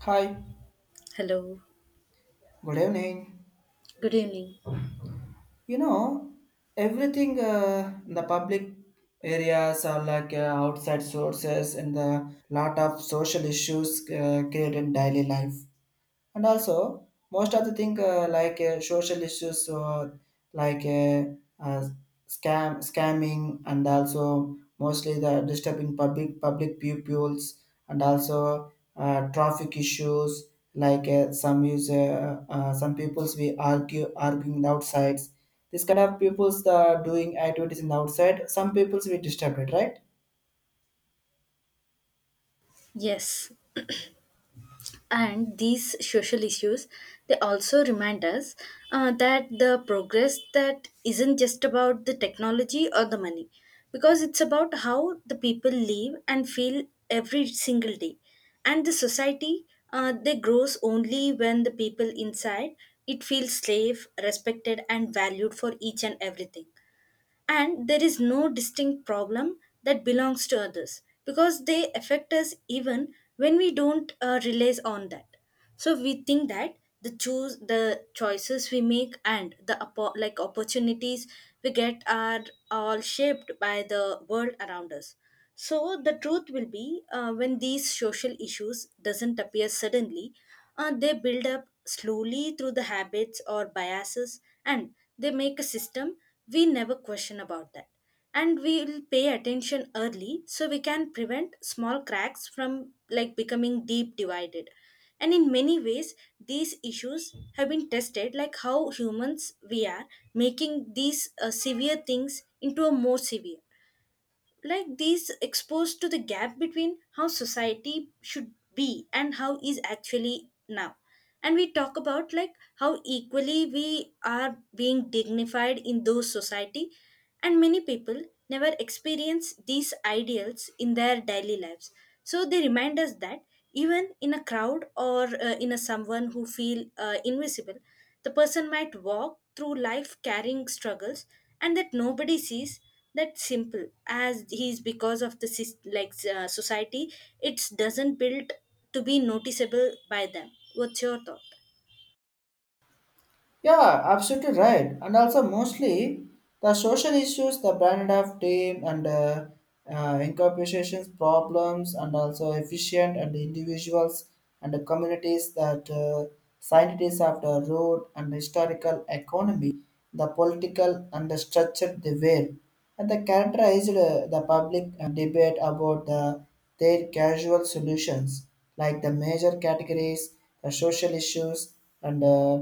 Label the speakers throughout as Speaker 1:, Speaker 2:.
Speaker 1: Hi,
Speaker 2: Hello,
Speaker 1: good evening.
Speaker 2: good evening.
Speaker 1: You know, everything in the public areas are like outside sources and the lot of social issues created in daily life. And also most of the thing social issues like uh, uh, scamming and also mostly the disturbing public pupils and also traffic issues like some use some peoples we argue arguing outsides, this kind of peoples the doing activities in the outside some peoples we disturbed it, right?
Speaker 2: Yes, and these social issues they also remind us that the progress that isn't just about the technology or the money because it's about how the people live and feel every single day. And the society they grows only when the people inside it feels safe, respected and valued for each and everything, and there is no distinct problem that belongs to others because they affect us even when we don't realize on that. So we think that the choices we make and the like opportunities we get are all shaped by the world around us. So the truth will be, when these social issues doesn't appear suddenly, they build up slowly through the habits or biases, and they make a system we never question about that. And we will pay attention early so we can prevent small cracks from like becoming deep divided. And in many ways, these issues have been tested like how humans we are, making these severe things into a more severe, like these exposed to the gap between how society should be and how is actually now. And we talk about like how equally we are being dignified in those society, and many people never experience these ideals in their daily lives. So they remind us that even in a crowd or in a someone who feel invisible, the person might walk through life carrying struggles, and that nobody sees that simple as he's because of the like society, it doesn't build to be noticeable by them. What's your thought?
Speaker 1: Yeah, absolutely right. And also, mostly the social issues, the brand of team and incorporations problems, and also efficient and individuals and the communities that scientists of the road and historical economy, the political and the structure they were, and the characterized the public debate about the their casual solutions, like the major categories, the social issues, and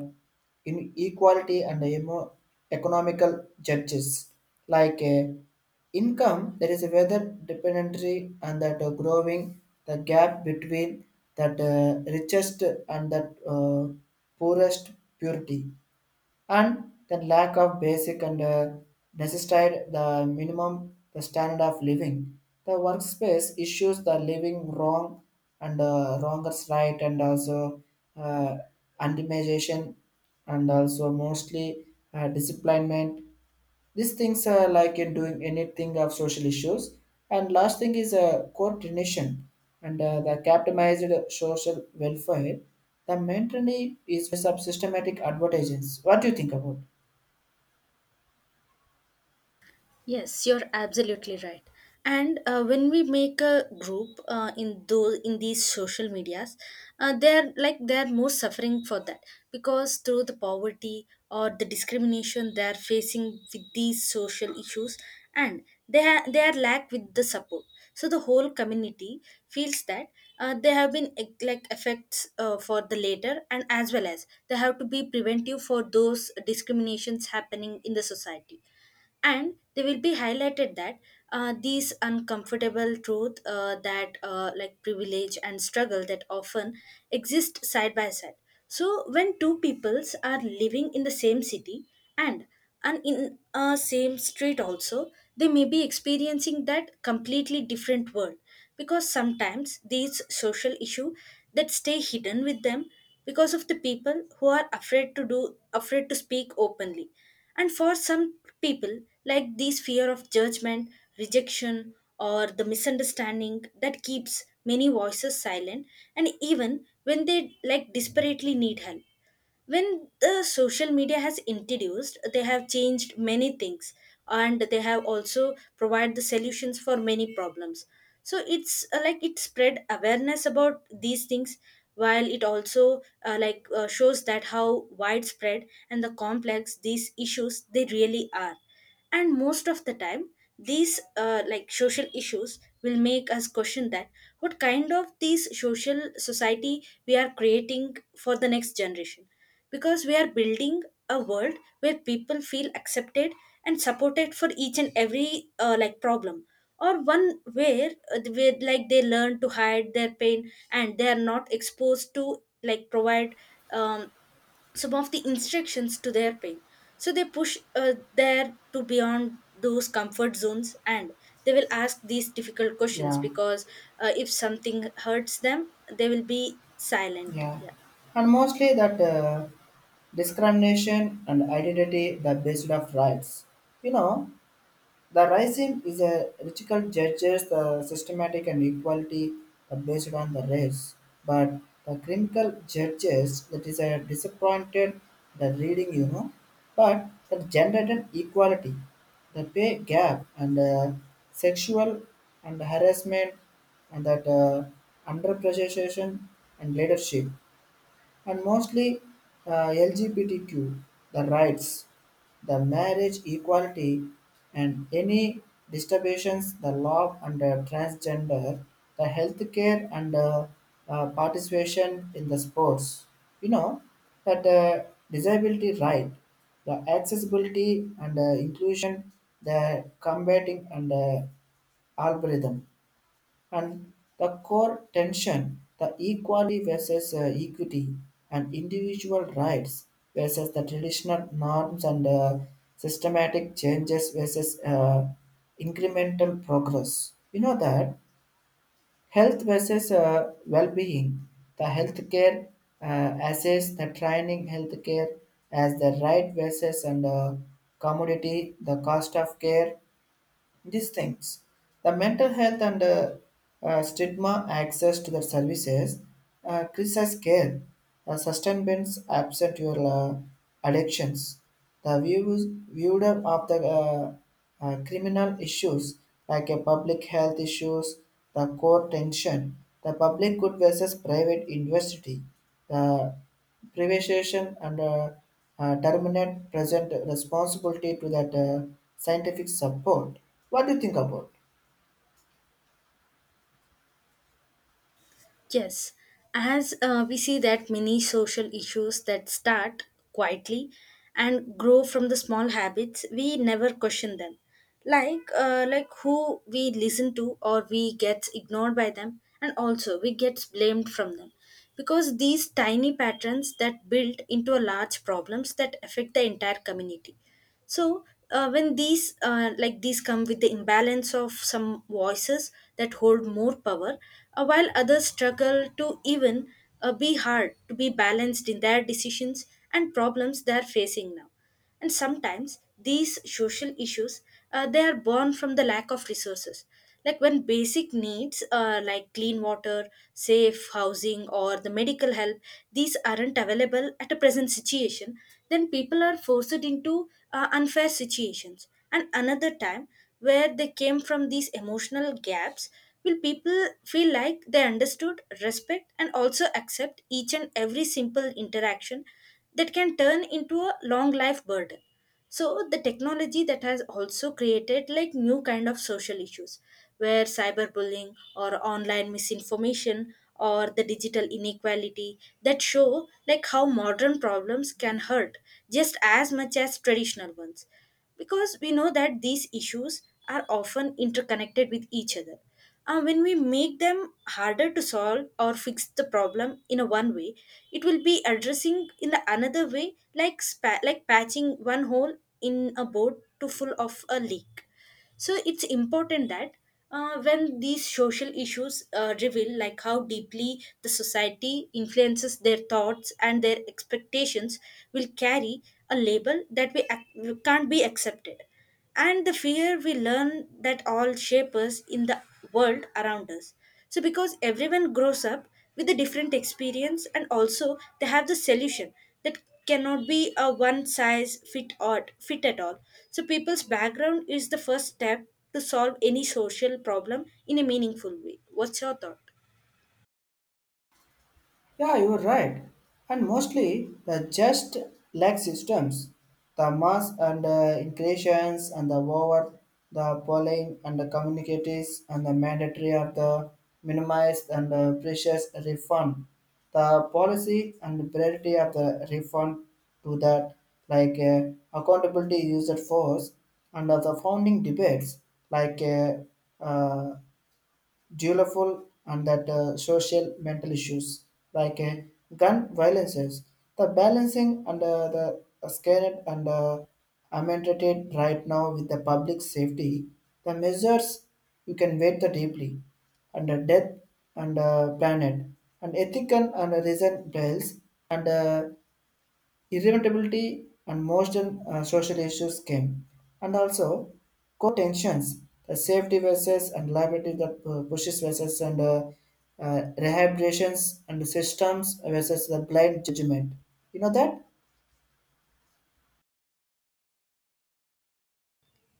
Speaker 1: inequality and economical judges, like income, there is a weather dependency and that growing the gap between that richest and that poorest purity, and then lack of basic and necessitated the minimum, the standard of living, the workspace issues, the living wrong and wrongers, right? And also uh, antimization and also mostly disciplinement, these things are like in doing anything of social issues. And last thing is coordination and the capitalized social welfare. The maintenance is sub systematic advertisements. What do you think about?
Speaker 2: Yes, you're absolutely right. And when we make a group in these social medias, they're more suffering for that because through the poverty or the discrimination they're facing with these social issues, and they are lack with the support. So the whole community feels that they have been like effects for the later, and as well as they have to be preventive for those discriminations happening in the society. And they will be highlighted that these uncomfortable truth that like privilege and struggle that often exist side by side. So when two peoples are living in the same city, and in a same street also, they may be experiencing that completely different world, because sometimes these social issue that stay hidden with them because of the people who are afraid to speak openly. And for some people, like this fear of judgment, rejection, or the misunderstanding that keeps many voices silent, and even when they like desperately need help. When the social media has introduced, they have changed many things, and they have also provided the solutions for many problems. So it's like it spread awareness about these things, while it also shows that how widespread and the complex these issues they really are. And most of the time these like social issues will make us question that what kind of these social society we are creating for the next generation, because we are building a world where people feel accepted and supported for each and every like problem, or one where like they learn to hide their pain and they are not exposed to like provide um, some of the instructions to their pain. So they push there to beyond those comfort zones, and they will ask these difficult questions
Speaker 1: Yeah,
Speaker 2: because if something hurts them, they will be silent,
Speaker 1: yeah,
Speaker 2: yeah.
Speaker 1: and mostly that discrimination and identity the based of rights. You know, the racism is a radical judges the systematic and equality based on the race, but the critical judges that is a disappointed the reading, you know, but the gender and equality, the pay gap and sexual and harassment and that underappreciation and leadership, and mostly LGBTQ the rights, the marriage equality, and any disturbances the law under transgender, the healthcare and participation in the sports. You know that disability right, the accessibility and inclusion, the combating and algorithm. And the core tension, the equality versus equity and individual rights versus the traditional norms and systematic changes versus incremental progress. You know that health versus well-being, the healthcare assess the training healthcare as the right versus and commodity, the cost of care, these things, the mental health and stigma access to the services, crisis care, sustenance absent your addictions, the views viewed of the criminal issues like a public health issues, the core tension, the public good versus private university, the privatization and terminate present responsibility to that scientific support. What do you think about?
Speaker 2: Yes, as we see that many social issues that start quietly and grow from the small habits, we never question them. Like who we listen to or we get ignored by them and also we get blamed from them. Because these tiny patterns that build into a large problems that affect the entire community. So when these like these come with the imbalance of some voices that hold more power, while others struggle to even be hard to be balanced in their decisions and problems they are facing now. And sometimes these social issues, they are born from the lack of resources, like when basic needs like clean water, safe housing or the medical help, these aren't available at a present situation. Then people are forced into unfair situations, and another time where they came from these emotional gaps, will people feel like they understood, respect and also accept each and every simple interaction that can turn into a long life burden. So the technology that has also created like new kind of social issues, where cyberbullying or online misinformation or the digital inequality that show like how modern problems can hurt just as much as traditional ones, because we know that these issues are often interconnected with each other. When we make them harder to solve or fix the problem in a one way, it will be addressing in the another way, like like patching one hole in a boat to full of a leak. So it's important that when these social issues reveal like how deeply the society influences their thoughts and their expectations, will carry a label that we can't be accepted, and the fear we learn that all shape us in the world around us. So because everyone grows up with a different experience and also they have the solution that cannot be a one size fit all fit at all. So people's background is the first step to solve any social problem in a meaningful way. What's your thought?
Speaker 1: Yeah, you're right. And mostly the just lag systems, the mass and increations and the over, the polling and the communicatives and the mandatory of the minimized and precious refund, the policy and priority of the refund to that, like accountability used force and of the founding debates, like uh, dutiful and that social mental issues like gun violences. The balancing and the scared and amended right now with the public safety, the measures you can wait the deeply and the death and planet and ethical and reason bells and irritability and most social issues came, and also core tensions, the safety versus and liability, the pushes versus and rehabilitations and systems versus the blind judgment. You know that?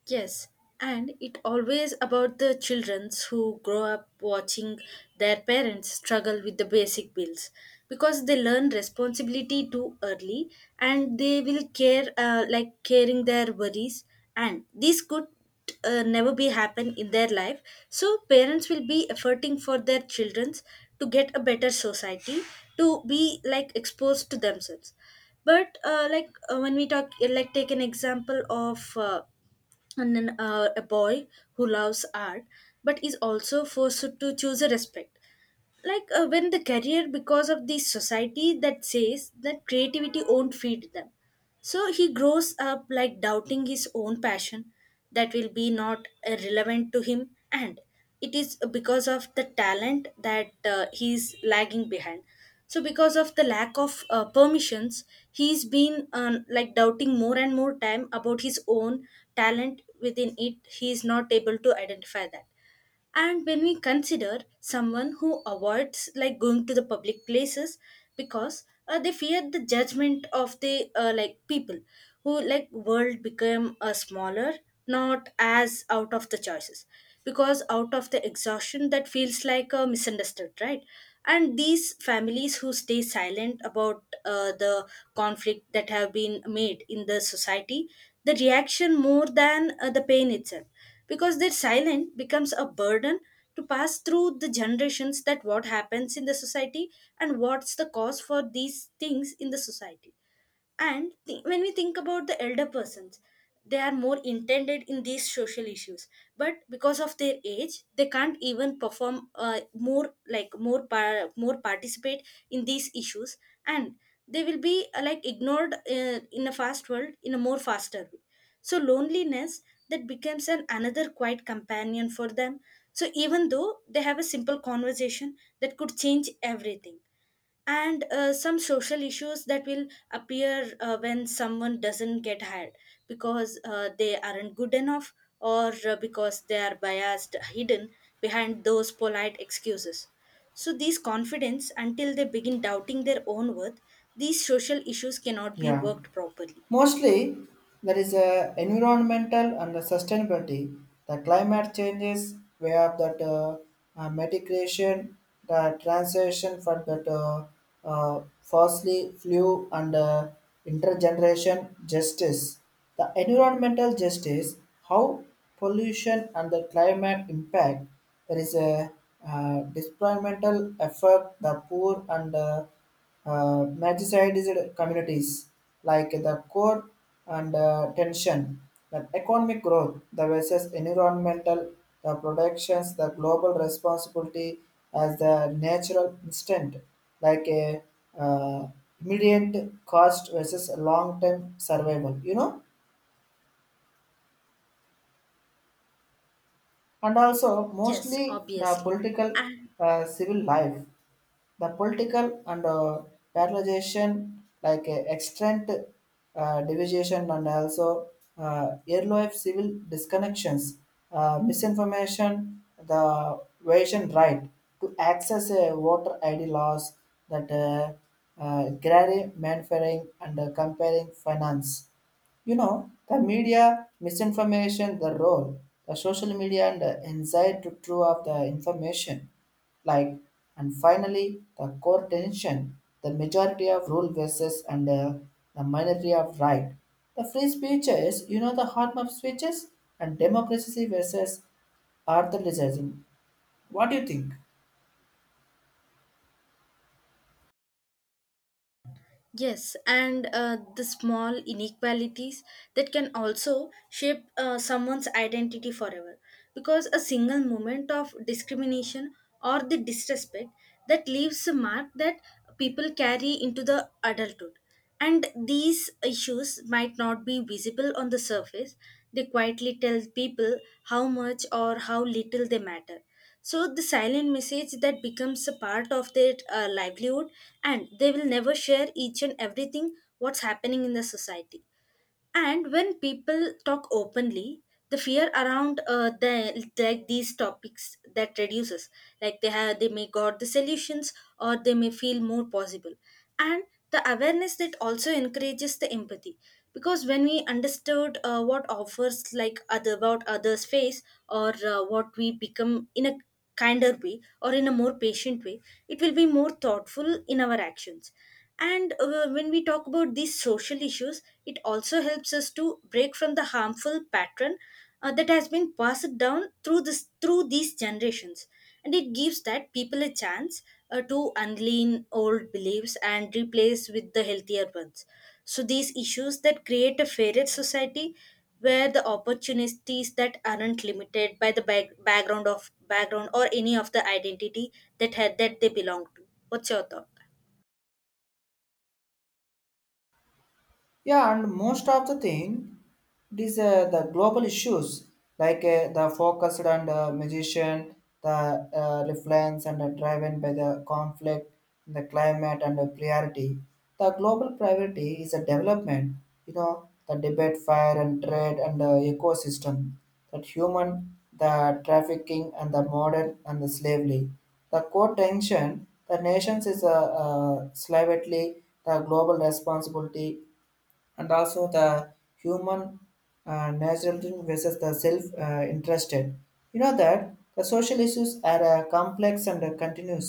Speaker 2: Yes, and it always about the children who grow up watching their parents struggle with the basic bills, because they learn responsibility too early, and they will care, like caring their worries, and this could never be happen in their life. So parents will be efforting for their children to get a better society, to be like exposed to themselves. But when we talk like take an example of and then a boy who loves art but is also forced to choose a respect, like when the career, because of the society that says that creativity won't feed them. So he grows up like doubting his own passion that will be not relevant to him, and it is because of the talent that he's lagging behind. So because of the lack of permissions, he's been like doubting more and more time about his own talent within it, he is not able to identify that. And when we consider someone who avoids like going to the public places because they fear the judgment of the like people who like world become a smaller, not as out of the choices, because out of the exhaustion that feels like a misunderstood, right? And these families who stay silent about the conflict that have been made in the society, the reaction more than the pain itself, because their silence becomes a burden to pass through the generations, that what happens in the society and what's the cause for these things in the society. And when we think about the elder persons, they are more intended in these social issues. But because of their age, they can't even perform more participate in these issues, and they will be like ignored in a fast world in a more faster way. So loneliness that becomes an another quiet companion for them. So even though they have a simple conversation that could change everything. And some social issues that will appear when someone doesn't get hired because they aren't good enough, or because they are biased hidden behind those polite excuses. So these confidence until they begin doubting their own worth, these social issues cannot be
Speaker 1: Yeah.
Speaker 2: worked properly.
Speaker 1: Mostly, there is a environmental and the sustainability, the climate changes, we have that mitigation, the transition for that fossil fuel and intergeneration justice. The environmental justice, how pollution and the climate impact, there is a disproportional effect. The poor and magicide is it communities, like the core and tension, the economic growth, the versus environmental, the protections, the global responsibility as the natural instant, like a uh, immediate cost versus long-term survival, you know, and also
Speaker 2: Yes,
Speaker 1: mostly the
Speaker 2: obviously.
Speaker 1: political civil life, the political and paralyzation, like extent division and also earlier civil disconnections, misinformation, the Asian right to access a voter ID laws that agrarian manufacturing and comparing finance, you know the media misinformation, the role, the social media and the anxiety to true of the information, like, and finally the core tension, the majority of rule versus and the minority of right, the free speeches, you know the harm of speeches and democracy versus authoritarianism. What do you think?
Speaker 2: Yes, and the small inequalities that can also shape someone's identity forever. Because a single moment of discrimination or the disrespect that leaves a mark that people carry into the adulthood. And these issues might not be visible on the surface, they quietly tell people how much or how little they matter. So the silent message that becomes a part of their livelihood, and they will never share each and everything what's happening in the society. And when people talk openly, the fear around the like these topics that reduces. Like they have, they may got the solutions, or they may feel more possible. And the awareness that also encourages the empathy, because when we understood what offers like other what others face, or what we become in a kinder way or in a more patient way, it will be more thoughtful in our actions. And when we talk about these social issues, it also helps us to break from the harmful pattern that has been passed down through this through these generations. And it gives that people a chance to unlean old beliefs and replace with the healthier ones. So these issues that create a fairer society where the opportunities that aren't limited by the background of background or any of the identity that had that they belong to. What's your thought?
Speaker 1: Yeah, and most of the thing, it is the global issues like the focused and magician, the reflex and driven by the conflict, the climate and the priority. The global priority is a development, you know, the debate, fire and trade and the ecosystem, that human, the trafficking and the modern and the slavery. The core tension, the nations is a slightly the global responsibility and also the human naturalism versus the self-interested. You know that the social issues are complex and continuous.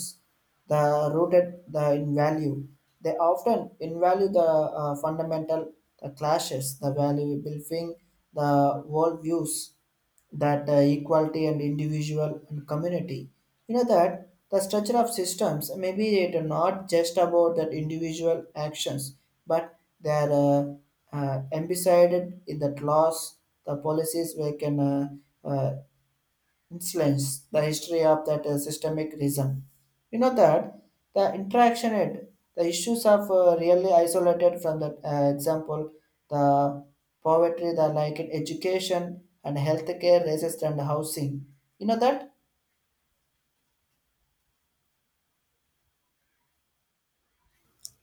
Speaker 1: The rooted the in value. They often invalue the fundamental the clashes, the valuable thing, the worldviews that equality and individual and community. You know that the structure of systems maybe it are not just about that individual actions, but they are embedded in that laws, the policies we can uh, influence the history of that systemic reason. You know that the interaction and the issues of really isolated from that example, the poverty, the like in education and healthcare, racist and housing. You know that.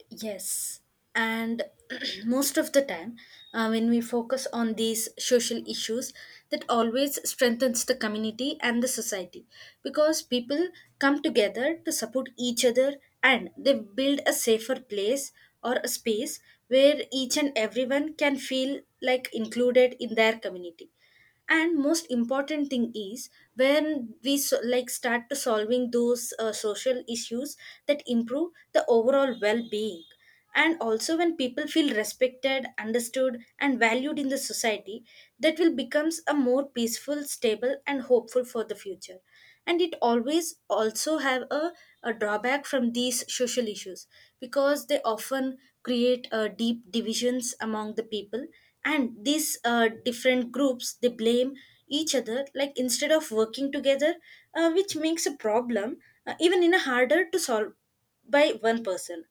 Speaker 2: Yes, and most of the time, when we focus on these social issues, that always strengthens the community and the society, because people come together to support each other and they build a safer place or a space where each and everyone can feel like included in their community. And most important thing is, when we so, like start to solving those social issues, that improve the overall well-being. And also when people feel respected, understood and valued in the society, that will becomes a more peaceful, stable and hopeful for the future. And it always also have a drawback from these social issues, because they often create deep divisions among the people, and these different groups they blame each other, like instead of working together, which makes a problem even in a harder to solve by one person.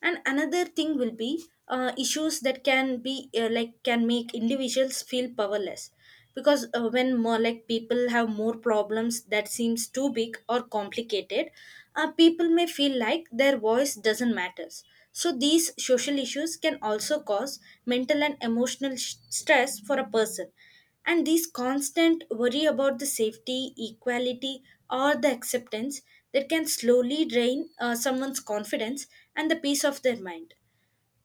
Speaker 2: And another thing will be issues that can be like can make individuals feel powerless, because when more like people have more problems that seems too big or complicated, people may feel like their voice doesn't matters. So these social issues can also cause mental and emotional stress for a person. And these constant worry about the safety, equality or the acceptance, that can slowly drain someone's confidence and the peace of their mind.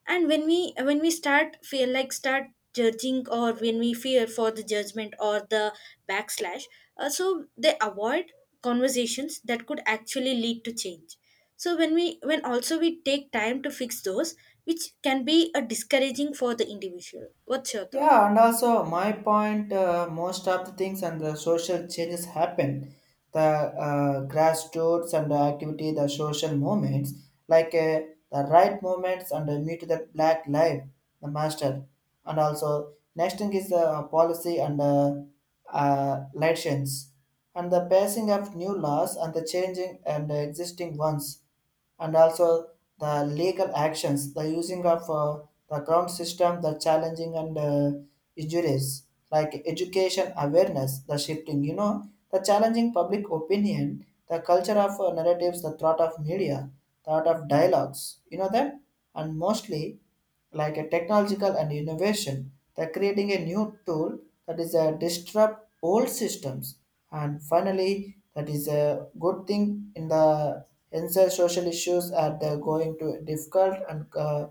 Speaker 2: And when we start feel like start judging, or when we fear for the judgment or the backslash, so they avoid conversations that could actually lead to change. So when also we take time to fix those, which can be a discouraging for the individual. What's your thought?
Speaker 1: Yeah, and also my point, most of the things and the social changes happen, the grassroots and the activity, the social movements, like the right movements and the me meet the black life, the master, and also next thing is the policy and the elections, and the passing of new laws and the changing and the existing ones, and also the legal actions, the using of the ground system, the challenging and injuries, like education awareness, the shifting, you know, the challenging public opinion, the culture of narratives, the thought of media, thought of dialogues, you know that, and mostly like a technological and innovation they're creating a new tool that is a disrupt old systems, and finally that is a good thing in the inside social issues are the going to difficult and uh,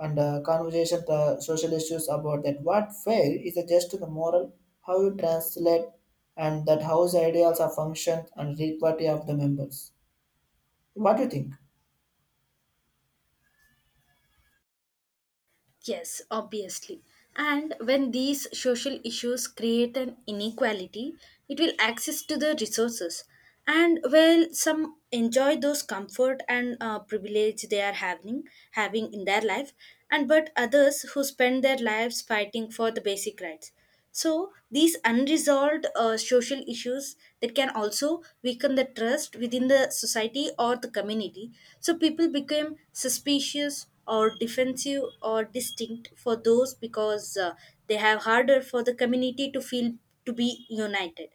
Speaker 1: and uh, conversation the social issues about that what fail is just the moral, how you translate and that how's ideals are functions and equality of the members. What do you think?
Speaker 2: Yes, obviously. And when these social issues create an inequality, it will access to the resources. And while some enjoy those comfort and privilege they are having in their life, and but others who spend their lives fighting for the basic rights. So these unresolved social issues that can also weaken the trust within the society or the community. So people become suspicious or defensive or distinct for those, because they have harder for the community to feel to be united.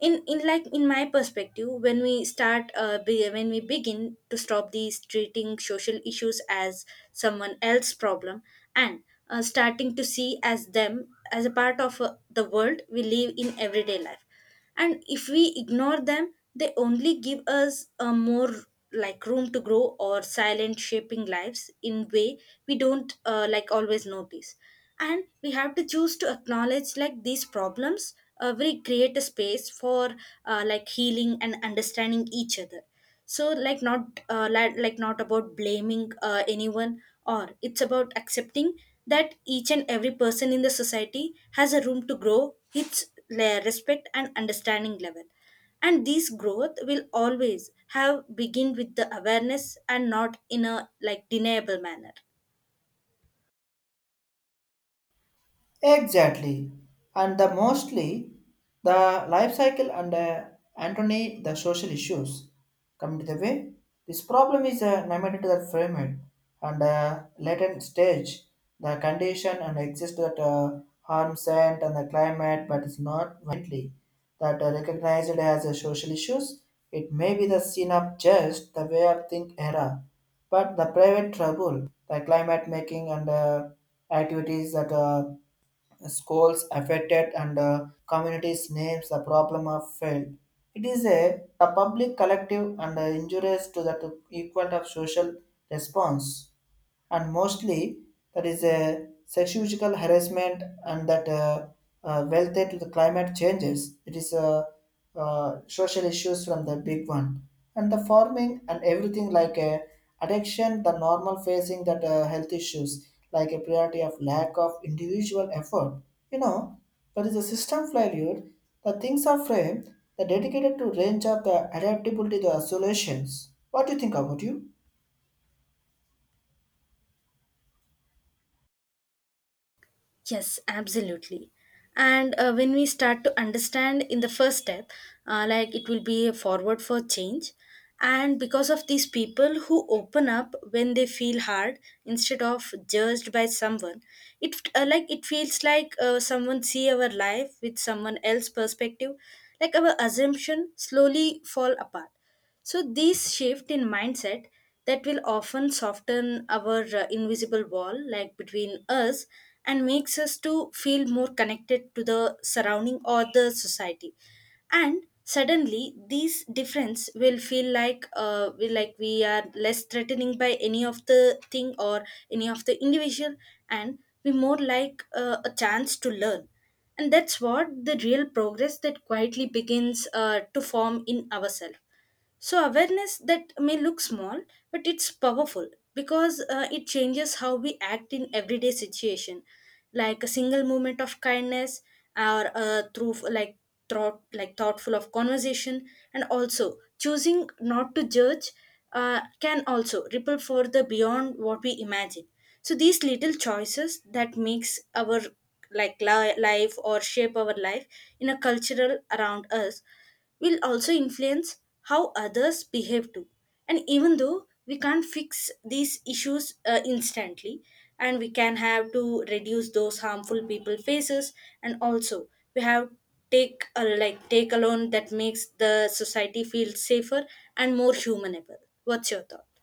Speaker 2: In like in my perspective, when we start when we begin to stop these treating social issues as someone else's problem, and starting to see as them as a part of the world we live in everyday life. And if we ignore them, they only give us a more like room to grow or silent shaping lives in way we don't like always notice. And we have to choose to acknowledge like these problems, we create a space for like healing and understanding each other. So like not not about blaming anyone, or it's about accepting that each and every person in the society has a room to grow its respect and understanding level. And this growth will always have begin with the awareness and not in a like deniable manner.
Speaker 1: Exactly. And the mostly the life cycle and Antony the social issues come to the way. This problem is limited to the frame and latent stage, the condition and exist that harms and the climate, but is not widely that are recognized as a social issues. It may be the scene of just the way of think era, but the private trouble, the climate making and activities that schools affected and communities names the problem of failed. It is a public collective and injurious to the to equal of social response, and mostly that is a sexual harassment and that welfare to the climate changes. It is a social issues from the big one and the farming and everything like a addiction, the normal facing that health issues like a priority of lack of individual effort. You know, that is a system failure. The things are framed. The dedicated to range of the adaptability to the solutions. What do you think about you?
Speaker 2: Yes, absolutely. And when we start to understand in the first step, like it will be a forward for change. And because of these people who open up when they feel hard instead of judged by someone, it like it feels like someone see our life with someone else perspective, like our assumption slowly fall apart. So this shift in mindset that will often soften our invisible wall, like between us, and makes us to feel more connected to the surrounding or the society. And suddenly, these difference will feel like we are less threatening by any of the thing or any of the individual, and we more like a chance to learn, and that's what the real progress that quietly begins to form in ourselves. So, awareness that may look small, but it's powerful because it changes how we act in everyday situation, like a single moment of kindness or through like thoughtful of conversation, and also choosing not to judge can also ripple further beyond what we imagine. So these little choices that makes our like life or shape our life in a cultural around us will also influence how others behave too. And even though we can't fix these issues instantly, and we can have to reduce those harmful people faces, and also we have take a like take a loan that makes the society feel safer and more humanable. What's your thought?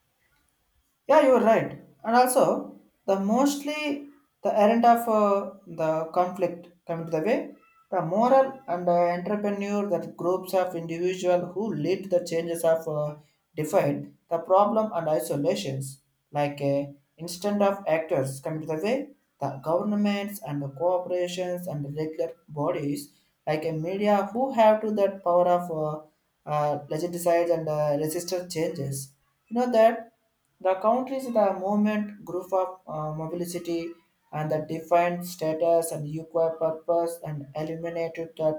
Speaker 1: Yeah, you're right. And also, the mostly the errand of the conflict coming to the way, the moral and entrepreneur that groups of individual who lead the changes of define the problem and isolations, like instead of actors coming to the way, the governments and the corporations and the regular bodies like a media who have to that power of legitimize and resist changes. You know that the country is the movement group of mobility and the defined status and equal purpose and eliminated that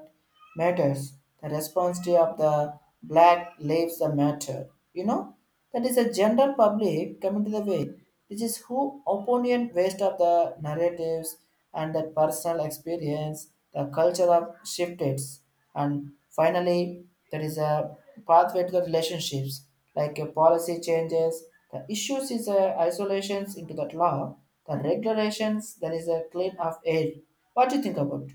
Speaker 1: matters. The responsibility of the black lives the matter. You know, that is a general public coming to the way. This is who opinion waste of the narratives and the personal experience, the culture of shifted. And finally, there is a pathway to the relationships, like a policy changes. The issues is a isolations into that law. The regulations, there is a clean of air. What do you think about?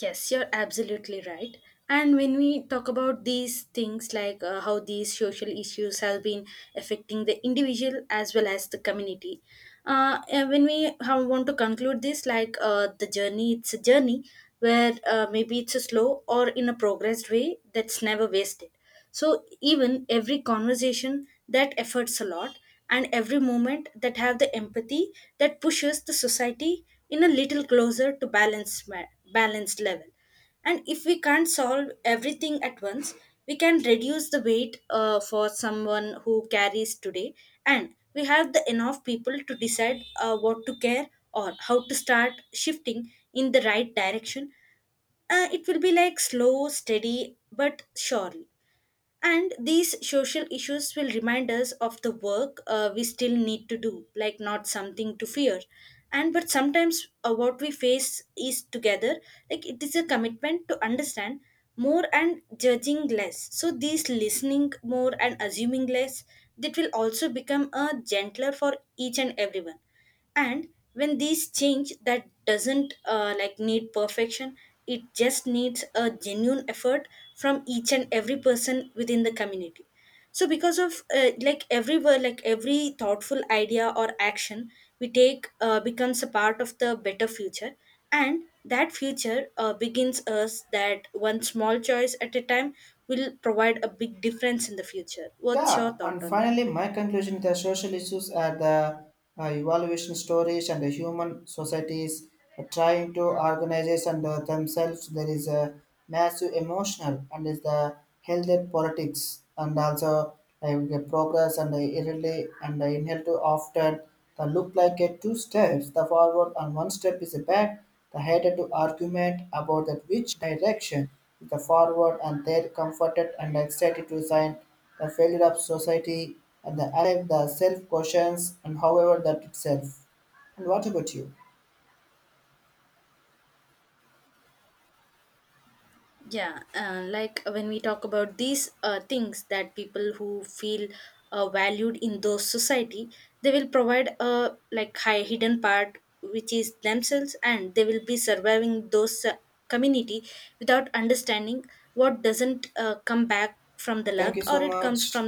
Speaker 2: Yes, you're absolutely right. And when we talk about these things, like how these social issues have been affecting the individual as well as the community, and when we how want to conclude this, like the journey, it's a journey where maybe it's a slow or in a progressed way that's never wasted. So even every conversation that efforts a lot, and every moment that have the empathy, that pushes the society in a little closer to balanced level. And if we can't solve everything at once, we can reduce the weight for someone who carries today. And we have the enough people to decide what to care, or how to start shifting in the right direction. It will be like slow steady but surely. And these social issues will remind us of the work we still need to do, like not something to fear. And but sometimes what we face is together, like it is a commitment to understand more and judging less. So these listening more and assuming less, that will also become a gentler for each and everyone. And when these change that doesn't like need perfection, it just needs a genuine effort from each and every person within the community. So because of every thoughtful idea or action we take becomes a part of the better future. And that future begins us that one small choice at a time will provide a big difference in the future. What's
Speaker 1: Yeah,
Speaker 2: your thought
Speaker 1: and
Speaker 2: on that?
Speaker 1: finally, my conclusion the social issues are the evaluation stories and the human societies are trying to organize and themselves. There is a massive emotional and is the healthy politics and also the progress and the irrelevant and the inhale to often the look like a two steps the forward and one step is a back. The headed to argument about that which direction is the forward and they're comforted and excited to sign the failure of society, and the alive, the self questions, and however that itself. And what about you?
Speaker 2: Yeah, like when we talk about these things, that people who feel valued in those society, they will provide a like high hidden part which is themselves, and they will be surviving those community without understanding what doesn't come back from the
Speaker 1: Thank
Speaker 2: luck,
Speaker 1: you
Speaker 2: or
Speaker 1: so
Speaker 2: it comes
Speaker 1: much.
Speaker 2: from